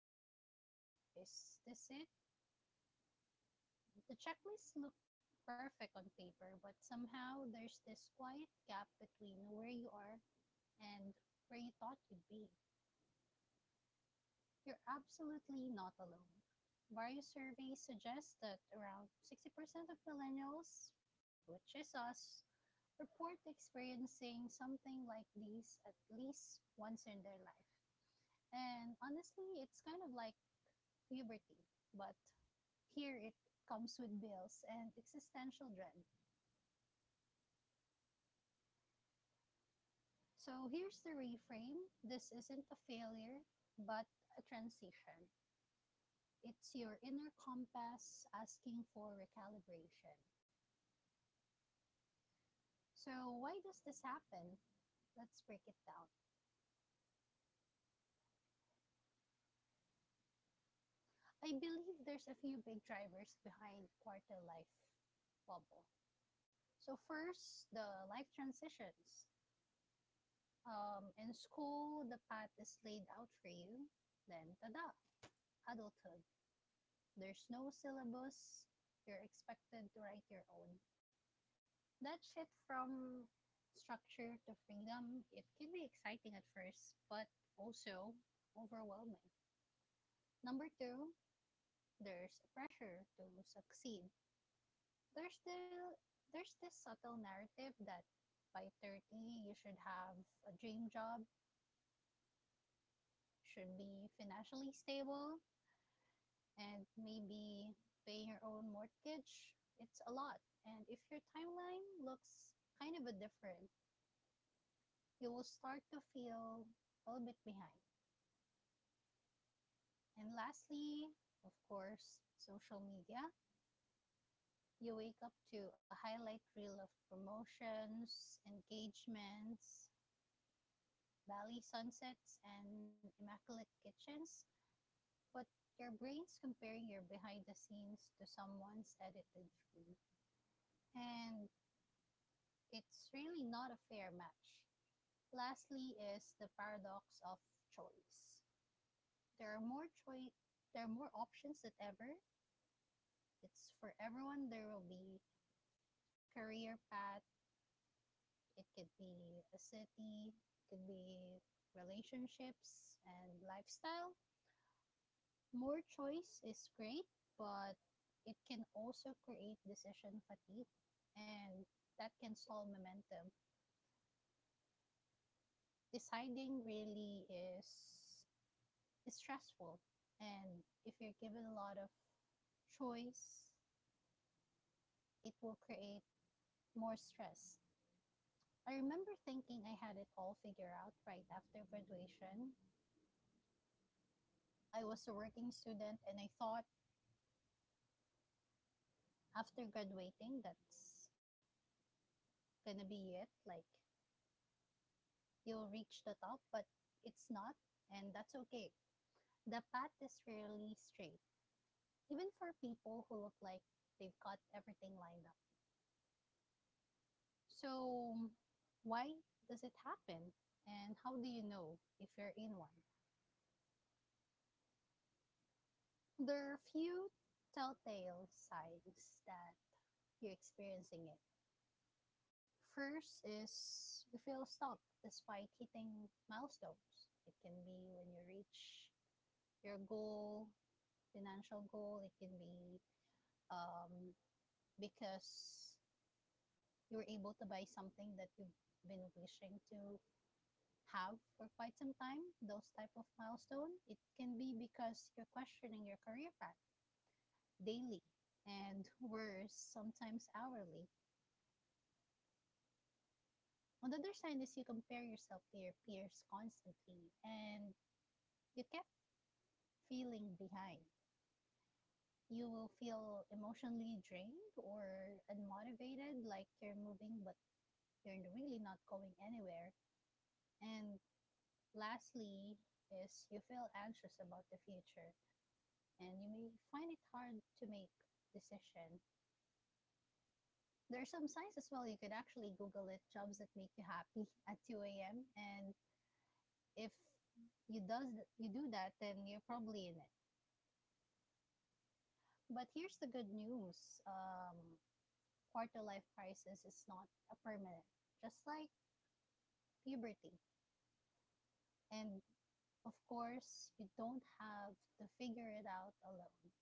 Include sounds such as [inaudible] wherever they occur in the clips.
wondering, is this it? The checklist looked perfect on paper, but somehow there's this quiet gap between where you are and where you thought you'd be. You're absolutely not alone. Various surveys suggest that around 60% of millennials, which is us, report experiencing something like these at least once in their life. And honestly, it's kind of like puberty, but here it comes with bills and existential dread. So here's the reframe: this isn't a failure, but a transition. It's your inner compass asking for recalibration. So, why does this happen? Let's break it down. I believe there's a few big drivers behind quarter life wobble. So, first, the life transitions. In school, the path is laid out for you. Then, tada, adulthood. There's no syllabus. You're expected to write your own. That shit from structure to freedom, it can be exciting at first, but also overwhelming. Number two, there's a pressure to succeed. There's the there's this subtle narrative that by 30 you should have a dream job, should be financially stable, and maybe paying your own mortgage. It's a lot. And if your timeline looks kind of a different, you will start to feel a little bit behind. And lastly, of course, social media. You wake up to a highlight reel of promotions, engagements, Bali sunsets, and immaculate kitchens, but your brain's comparing your behind the scenes to someone's edited feed. And it's really not a fair match. Lastly is the paradox of choice. There are more choice there are more options than ever. It's for everyone, there will be career path, it could be a city, it could be relationships and lifestyle. More choice is great, but it can also create decision fatigue, and that can stall momentum. Deciding really is it's stressful. And if you're given a lot of choice, it will create more stress. I remember thinking I had it all figured out right after graduation. I was a working student and I thought after graduating, that's gonna be it. Like, you'll reach the top, but it's not, and that's okay. The path is rarely straight, even for people who look like they've got everything lined up. So, why does it happen? And how do you know if you're in one? There are a few telltale signs that you're experiencing it. First is you feel stuck despite hitting milestones. It can be when you reach your goal, financial goal, it can be um, because you were able to buy something that you've been wishing to have for quite some time. Those type of milestone, it can be because you're questioning your career path daily, and worse, sometimes hourly. On the other side is you compare yourself to your peers constantly, and you kept feeling behind. You will feel emotionally drained or unmotivated, like you're moving but you're really not going anywhere. And lastly is you feel anxious about the future, and you may find it hard to make decision. There are some signs as well. You could actually Google it. Jobs that make you happy [laughs] at 2 a.m. And if you does you do that, then you're probably in it. But here's the good news: um, quarter life crisis is not a permanent, just like puberty. And of course, you don't have to figure it out alone.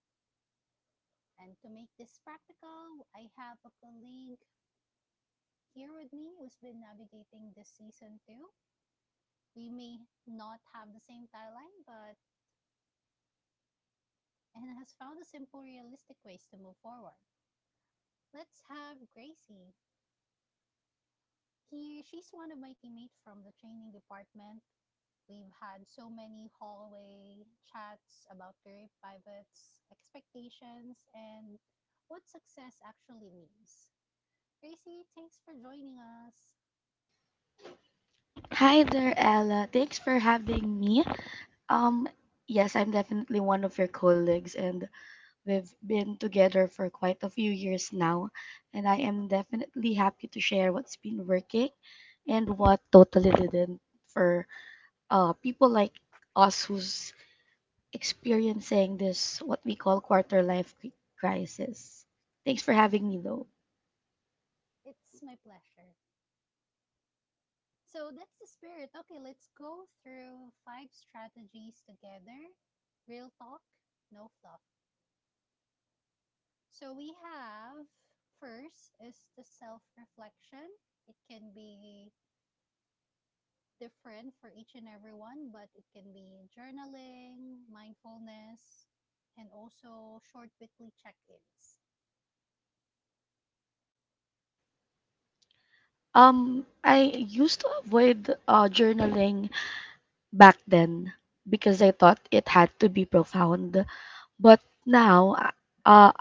And to make this practical, I have a colleague here with me, who's been navigating this season too. We may not have the same tagline, but and has found the simple, realistic ways to move forward. Let's have Gracie here. She's one of my teammates from the training department. We've had so many hallway chats about career pivots, expectations, and what success actually means. Gracie, thanks for joining us. Hi there, Ella. Thanks for having me. Um, yes, I'm definitely one of your colleagues, and we've been together for quite a few years now. And I am Mhm, definitely happy to share what's been working and what totally didn't for people like us who's experiencing this what we call crisis. Thanks for mhm. having me, though. It's my pleasure. So that's the spirit. Okay, let's go through five strategies together. Real talk, no fluff. So we have first is the self reflection. It can be different for each and everyone, but it can be journaling, mindfulness, and also short weekly check ins. I used to avoid journaling back then because I thought it had to be profound. But now, uh,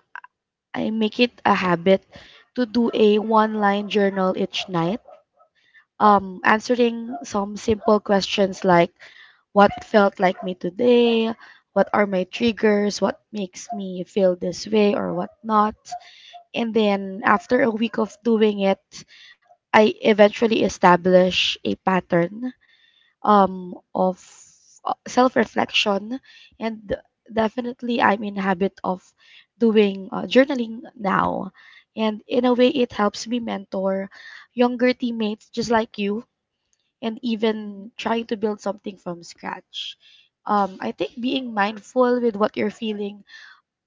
I make it a habit to do a one line journal each night, answering some simple questions like what felt like me today, what are my triggers, what makes me feel this way, or what not. And then after a week of doing it, I eventually establish a pattern of self-reflection, and definitely I'm in habit of doing journaling now, and in a way it helps me mentor younger teammates just like you, and Mm-hmm. even trying to build something from scratch. I think being mindful with what you're feeling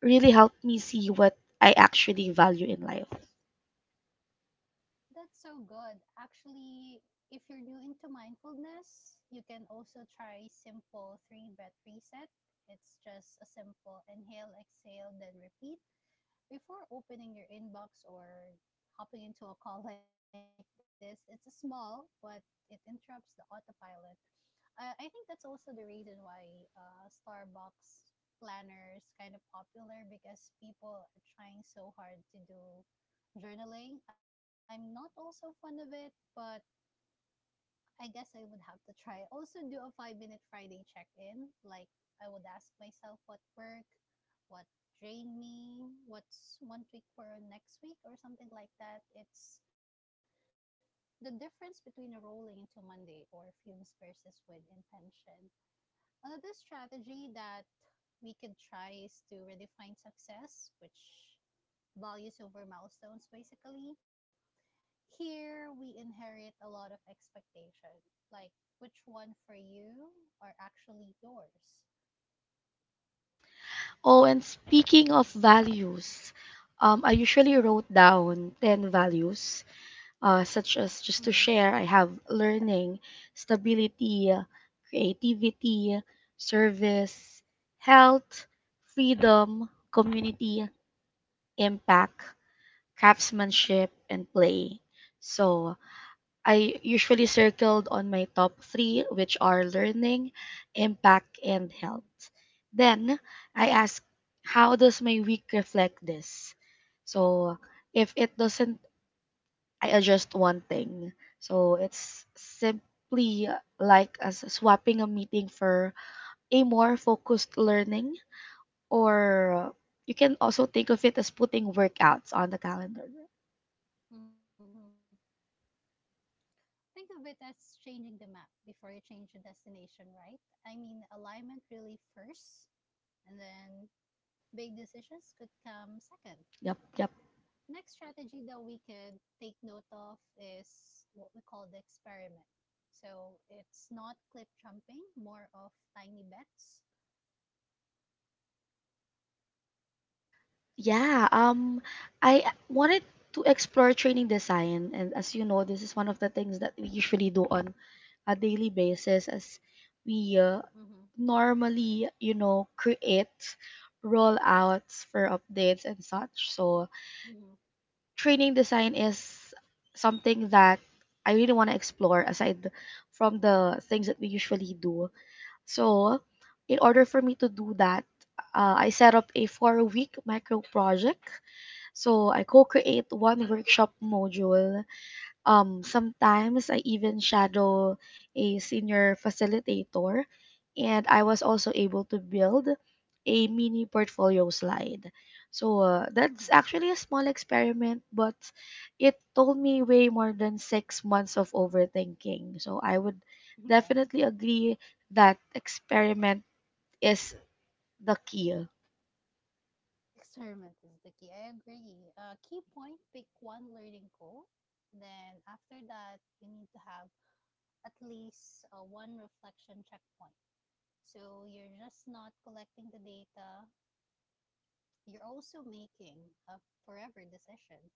really helped me see what I actually value in life. That's so good. Actually, if you're new into mindfulness, you can also try simple three breath reset. It's just a simple inhale, exhale, then repeat. Before opening your inbox or hopping into a call [laughs] like this, it's a small, but it interrupts the autopilot. I think that's also the reason why Starbucks planners kind of popular, because people are trying so hard to do journaling. I'm not also fond of it, but I guess I would have to try. Also, do a 5 minute Friday check in. Like, I would ask myself what work, what drained me, what's one tweak for next week, or something like that. It's the difference between rolling into Monday or fumes versus with intention. Another strategy that we could try is to redefine success, which values over milestones basically. Here we inherit a lot of expectation, like which one for you are actually yours. Oh, and speaking of values, I usually wrote down 10 values such as, just to Mm-hmm. share, I have learning, stability, creativity, service, health, freedom, community, impact, craftsmanship, and play. So I usually circled on my top three, which are learning, impact, and Mm-hmm. health. Then I ask, how does my week reflect this? So if it doesn't, I adjust one thing. So it's simply like as swapping a meeting for a more focused learning, or you can also think of it as putting workouts on the calendar. Mm-hmm. Think of it as changing the map before you change the destination, right? I mean alignment really first, and then big decisions could come second. Yep, yep. Next strategy that we could take note of is what we call the experiment. So it's not cliff jumping, more of tiny bets. Yeah, I wanted to explore training design, and as you know, this is one of the things that we usually do on a daily basis as we Mm-hmm. normally, you know, create rollouts for updates and such. So Mm-hmm. training design is something that I really want to explore aside from the things that we usually do. So, in order for me to do that, I set up a 4 week micro project. So, I co create one workshop module, sometimes I even shadow a senior facilitator, and I was also able to build a mini portfolio slide. So that's Mm-hmm. actually a small experiment, but it told me way more than 6 months of overthinking. So I would Yeah, definitely agree that experiment is the key. experiment is the key. I agree. Key point: pick one learning goal. Then, after that, you need to have at least one reflection checkpoint. So, you're just not collecting the data, you're also making a forever decision.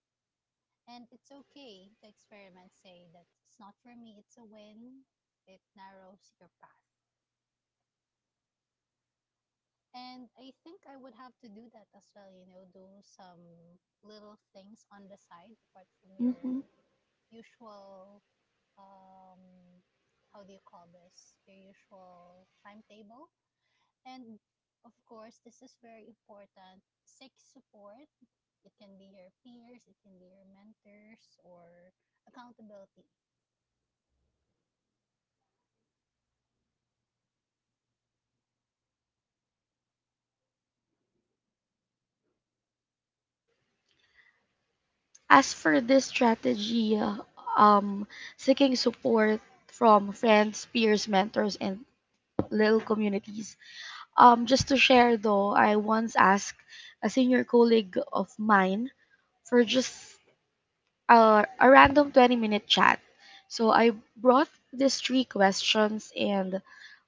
And it's okay to experiment, say that it's not for me, it's a win, it narrows your path. And I think I would have to do that as well, do some little things on the side apart from your Mhm. usual um, how do you call this your usual timetable. And of course this is very important: seek support. It can be your peers, it can be your mentors, or accountability. As for this strategy, um, seeking support from friends, peers, mentors, and little communities. Just to share though, I once asked a senior colleague of mine for just a random 20-minute chat. So I brought these three questions and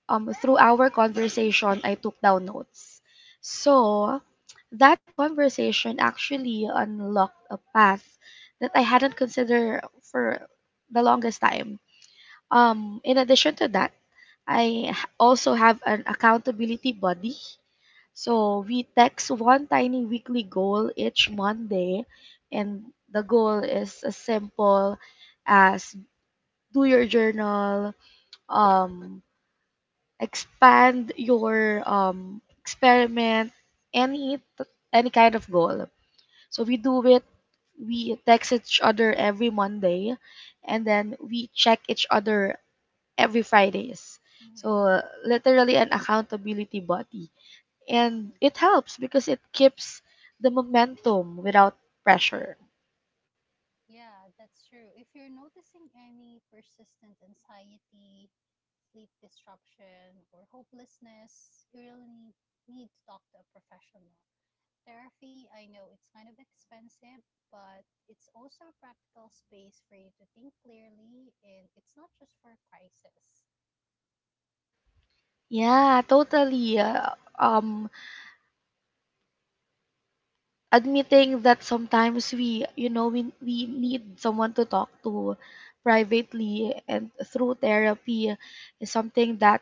through our conversation, I took down notes. So that conversation actually unlocked a path that I hadn't considered for the longest time. In addition to that, also have an accountability buddy. So we text one tiny weekly goal each Monday, and the goal is as simple as do your journal, um, expand your experiment, any any kind of goal. So we do it, we text each other every Monday, and then we check each other every Fridays. Mm-hmm. So literally an accountability body, and Mm-hmm. it helps because it keeps the momentum without pressure. Yeah, that's true. If you're noticing any persistent anxiety, sleep disruption, or hopelessness, you really need to talk to a professional. Therapy, I know it's kind of expensive, but it's also a practical space for you to think clearly, and it's not just for crisis. Yeah, totally. Hmm. Admitting that sometimes we you know we need someone to talk to privately, and through therapy is something that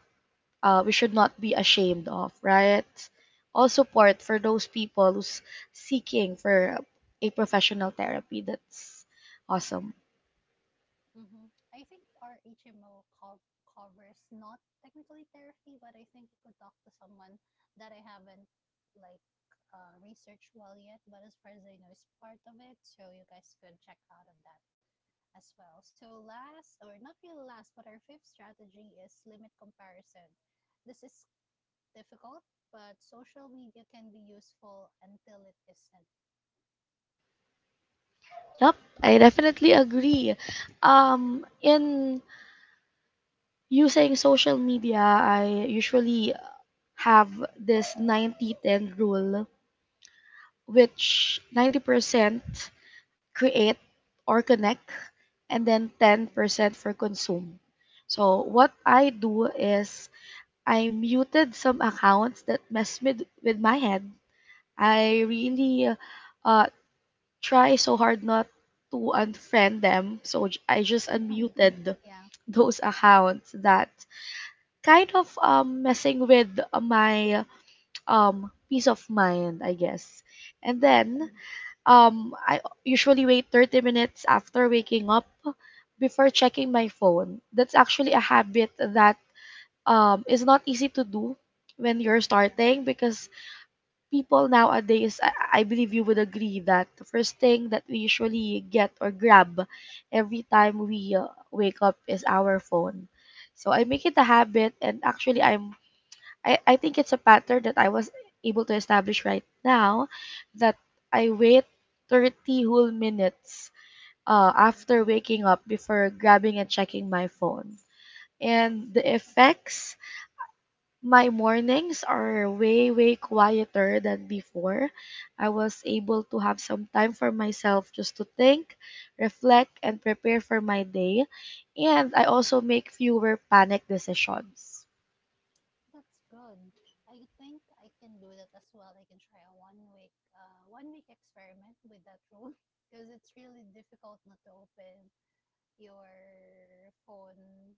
we should not be ashamed of, right? All Yeah. support for those people who's seeking for a professional therapy. That's awesome. I think our HMO covers not technically therapy, but I think you could talk to someone that I haven't, like, researched well yet. But as far as I know, it's part of it, so you guys could check out of that as well. So last, or not really last, but our fifth strategy is limit comparison. This is difficult, but social media can be useful until it isn't. Yep, I definitely agree. In using social media, I usually have this 90-10 rule, which 90% create or connect, and then Mhm. 10% for consume. So what I do is I muted some accounts that mess with my head. I Mhm. really uh try so hard not to unfriend them. So I just [laughs] unmuted Yeah. [laughs] those accounts that kind of messing with my peace of mind, I guess. And Mhm. then I usually wait 30 minutes after waking up before checking my phone. That's actually a habit that is not easy to do when you're Yeah. starting, because people nowadays, I believe you would agree that the first thing that we usually get or grab every time Mhm. we wake up is our phone. So I make it That's a habit, and actually, I think it's a pattern that I was able to establish right now, that I wait 30 whole minutes mhm. after waking up before grabbing and checking my phone. And the Mhm. effects, my mornings are way, way quieter than before. I was able to have some time for myself just to think, reflect, and prepare for my day. And I also make fewer panic decisions. That's good. I think I can do that as well. I can try a 1 week, 1 week experiment with that rule [laughs] because it's really difficult not to open your phone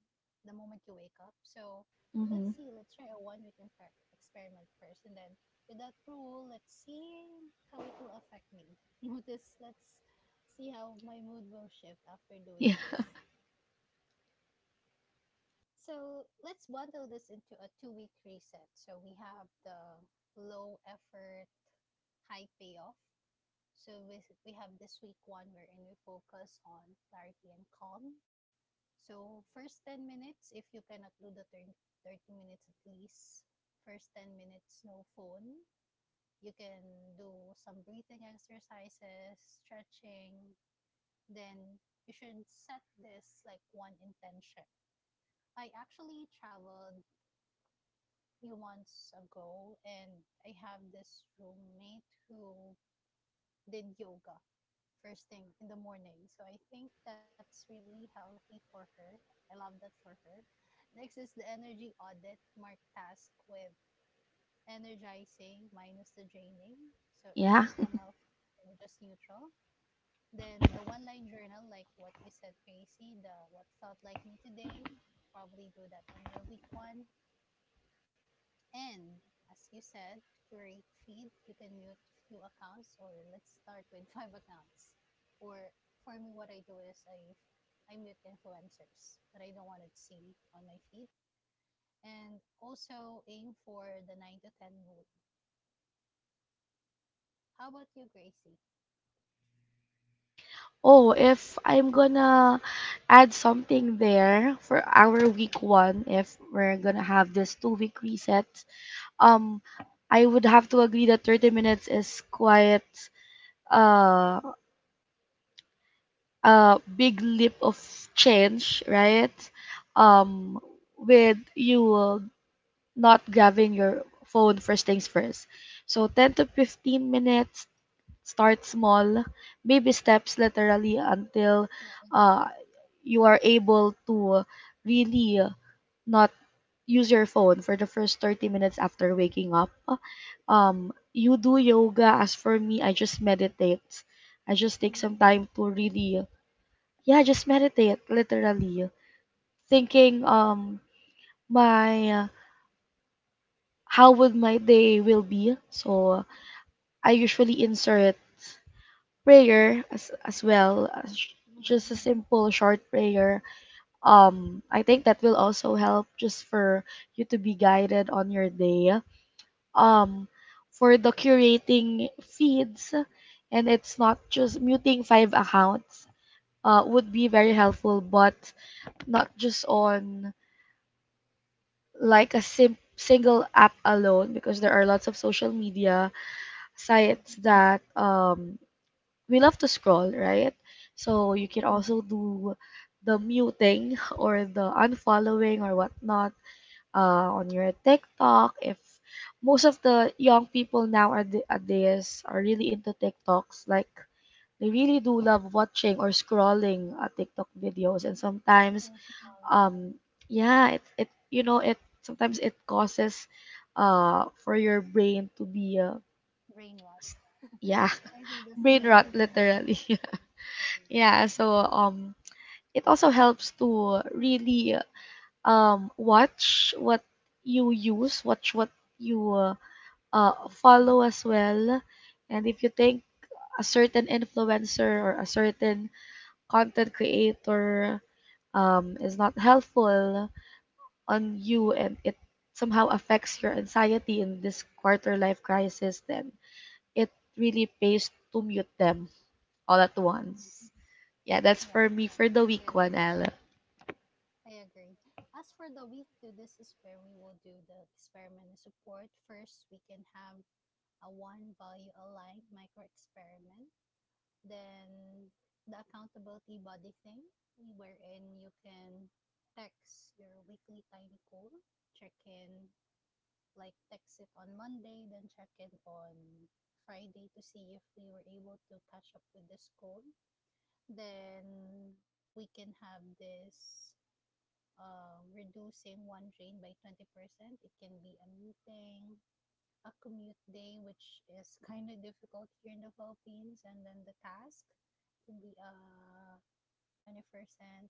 the moment you wake up. So let's Mm-hmm. [laughs] see, let's try a 1 week experiment first. And then with that rule, let's see how it will affect me. [laughs] Notice, let's see how my mood will shift after Yeah. doing this. So let's bundle this into a 2 week reset. So we have the low effort, high payoff. So we have this week one wherein we focus on clarity and calm. So first 10 minutes, if you cannot do the 30 minutes at least, first 10 minutes, no phone. You can do some breathing exercises, stretching. Then you should set this like one intention. I actually traveled a few months ago and I have this roommate who did yoga first thing in the morning. So I think that's really healthy for her. I love that for her. Next is the energy audit mark task with energizing minus the draining. So it will Yeah. come off, just neutral. Then the one line journal, like what you said, crazy, the what felt like me today. Probably do that on your week one. And as you said, to curate feed, you can mute few accounts or let's start with [laughs] five accounts. Or for me, what I do is I mute influencers that I don't want to see on my feed. And also aim for the 9 to 10 rule. How about you, Gracie? Oh, if I'm gonna add something there for our week one, if we're gonna have this 2 week reset, um, I would have to agree that 30 minutes is quite uh, a big leap of change, right? Mm-hmm. Um, with you not grabbing your phone first things first. So 10 to 15 minutes. Start small, baby steps literally, until Yeah, with this uh, topic. you are able to really not use your phone for the first 30 minutes after waking up. You do yoga. As for me, I just meditate. I just take Mm-hmm. some time to really, yeah, just meditate, literally. Thinking, my, how would my day will be. So I usually insert prayer as well as Mm-hmm. just a simple short prayer. I think that will also help, just for you to be guided on your day. um for the curating feeds, and it's not just muting five accounts, would be very helpful, but not just on like a single app alone, because there are lots of social media Mm-hmm. sites that we love to scroll, right? So you can also do the muting [laughs] or the unfollowing or whatnot on your TikTok. If most of the young people nowadays are really into TikToks, like they really do love watching or scrolling TikTok videos, and sometimes, Doom scrolling. um, yeah, it you know it sometimes it causes for your brain to be Brain rot. s- yeah I think [laughs] that's the brain term rot, that they have, literally. brain [laughs] Yeah, so it also helps to really watch what you use, watch what you rot. follow as well. And if you think a certain influencer or a certain content creator is not helpful on you, and it somehow affects your anxiety in this quarter life crisis, then it really pays to mute them all at Mhm. once. Yeah, that's Yeah, for me for the yeah, I week one, agree. Al. I agree. As for the week to, this is where we will do the experiment and support. First, we can have a one value aligned micro experiment. Then the accountability body thing, wherein you can text your weekly tiny goal, check in, like text it on Monday, then check in on Friday to see if we were able to catch up with this goal. Then we can have this reducing one drain by 20%. It can be a meeting, a commute day, which is kind of difficult here in the Philippines, and then the task can be a 20%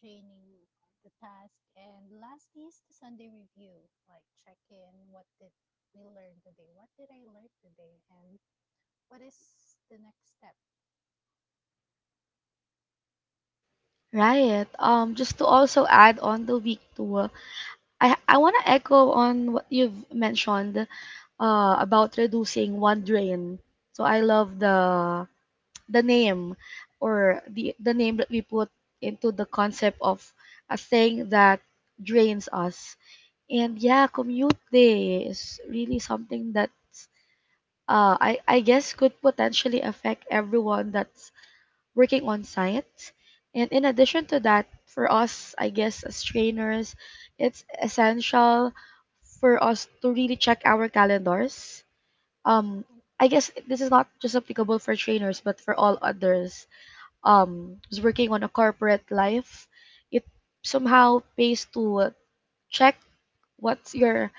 training on the task, and lastly is the Sunday review, like check in. What did we learn today? What did I learn today? And what is the next step? Right. Just to also add on the week two, I want to echo on what you've mentioned about reducing one drain. So I love Mm-hmm. the name, or the name that we put into the concept of a thing that drains us. And yeah, commute day is really something that I guess could potentially affect everyone that's working on science. And in addition to that, for us, I guess, as trainers, it's essential for us to really check our calendars. Um, I guess this is not just applicable for trainers, but for all others. Who's working on a corporate life, it somehow pays to check what's your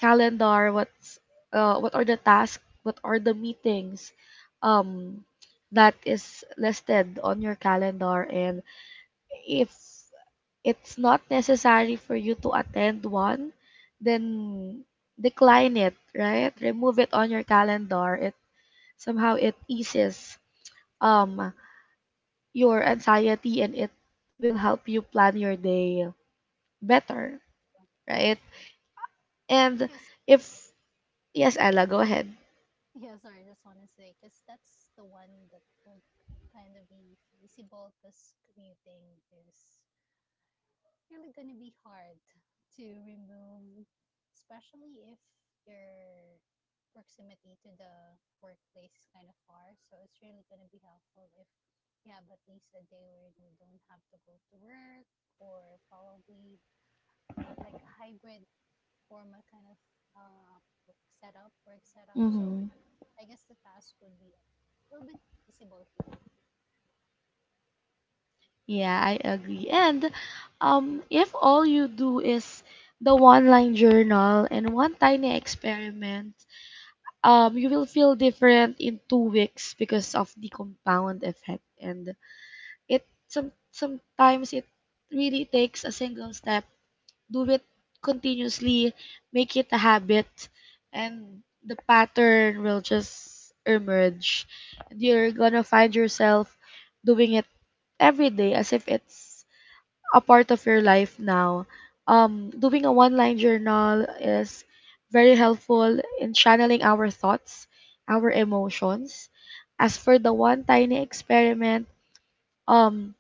calendar, what's what are the tasks, what are the meetings, um that is listed on your calendar. And if it's not necessary for you to attend one, then decline No, that, it, right? Remove it yeah, on your calendar. It somehow, it eases um your anxiety, and it will help you plan your day better, that's true. That's right? true. And Because if, yes, Ella, go ahead. yeah, sorry, I just want to say because that's the one that will kind of be feasible because commuting is really going to be hard to remove, especially if your proximity to the workplace is kind of far. So it's really going to be helpful if you have at least a day where you don't have to go to work or probably like a hybrid formal kind of uh, setup, work setup. So Mm-hmm. I guess the task would be a little bit feasible here. Yeah, I agree. And if all you do is the one line journal and one tiny experiment, you will feel different in 2 weeks because of the compound effect. And it sometimes it really takes a single step. Do it continuously, make it a habit, and the pattern will just emerge. You're gonna find yourself doing it every day as if it's a part of your life now. Doing a one line journal is very helpful in channeling our thoughts, our emotions. As for the one tiny experiment, um,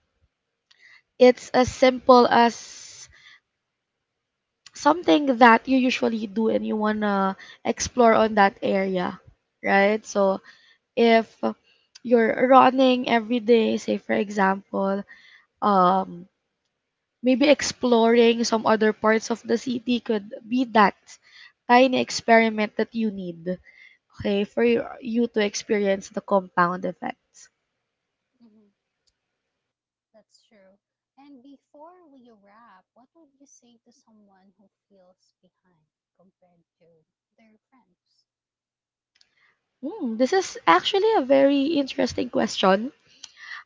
it's as simple as something that you usually do and you want to explore on that area, right? So if you're running every day, say for example, um, maybe exploring some other parts of the city could be that tiny experiment that you need, okay, for you to experience the compound effects. Mm-hmm. That's true. And before we wrap, what would you say to someone who feels behind compared to their friends? Hmm, this is actually a very interesting question.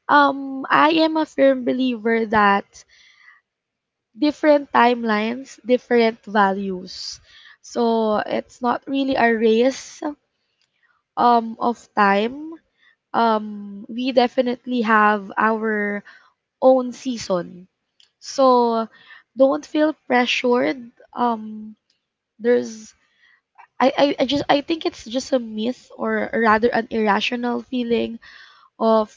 I am a firm believer that different timelines, different values. So it's not really a race of time. We definitely have our own season. So don't feel pressured. There's I just I think it's just a myth, or rather an irrational feeling of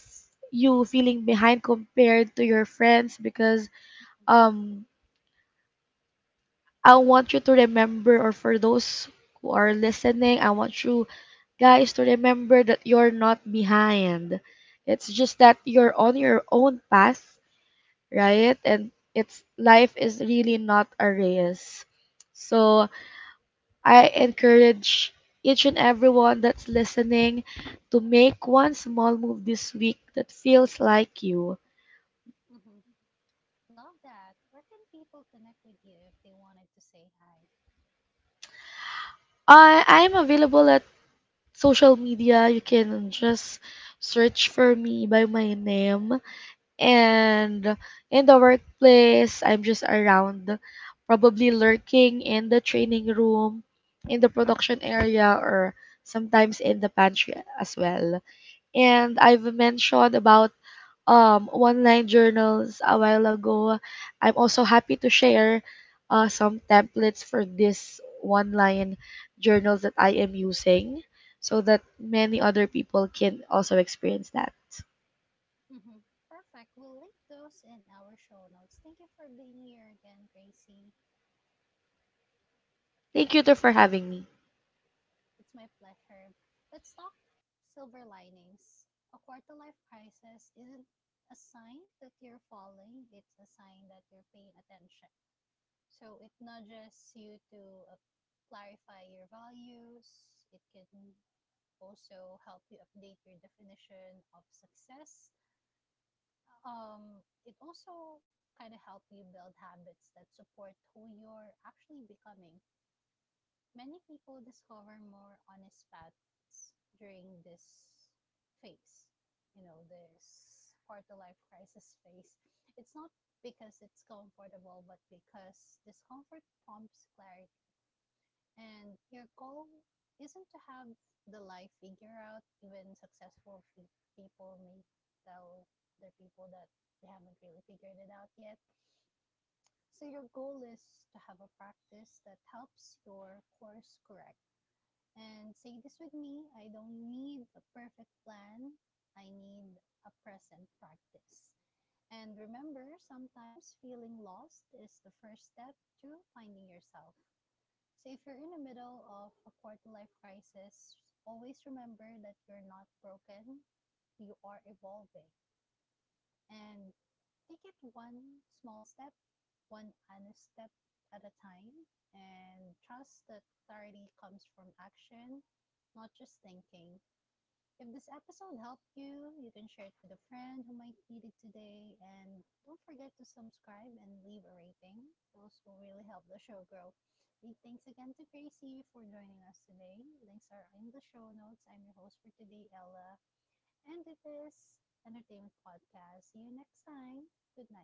you feeling behind compared to your friends, because um I want you to remember, or for those who are listening, I want you guys to remember that you're not behind. It's just that you're on your own path, right? And it's life is really not a race. So I encourage each and everyone that's listening to make one small move this week that feels like you. Hmm. Love that. Where can people connect with you if they wanted to say hi? I'm available at social media. You can just search for me by my name. And in the workplace, I'm just around, probably lurking in the training room, in the production area, or sometimes in the pantry as well. And I've mentioned about online journals a while ago. I'm also happy to share some templates for this one line journals that I am using, so that many other people can also experience that. Hmm. Perfect. We'll link those in our show notes. Thank you for being here again, Gracie. Thank you too for So having me. it's my pleasure. Let's talk silver linings. A quarter life crisis isn't a sign that you're falling, it's a sign that you're paying attention. So it nudges you to uh, clarify your values. It can also help you update your definition of success. It also kind of help you build habits that support who you're actually becoming. Many people discover more honest paths during this phase. This quarter life crisis phase. It's not because it's comfortable, but because discomfort prompts clarity. And your goal isn't to have the life figure out. Even successful people may tell their people that they haven't really figured it out yet. So your goal is to have a practice that helps your course correct. And say this with me, I don't need a perfect plan. I need a present practice. And remember, sometimes feeling lost is the first step to finding yourself. So if you're in the middle of a quarter life crisis, always remember that you're not broken, you are evolving. And take it one small step, one honest step at a time, and trust that clarity comes from action, not just thinking. If this episode helped you, you can share it with a friend who might need it today. And don't forget to subscribe and leave a rating. Those will really help the show grow. Big thanks again to Gracie for joining us today. Links are in the show notes. I'm your host for today, Ella. And it is Entertainment Podcast. See you next time. Good night.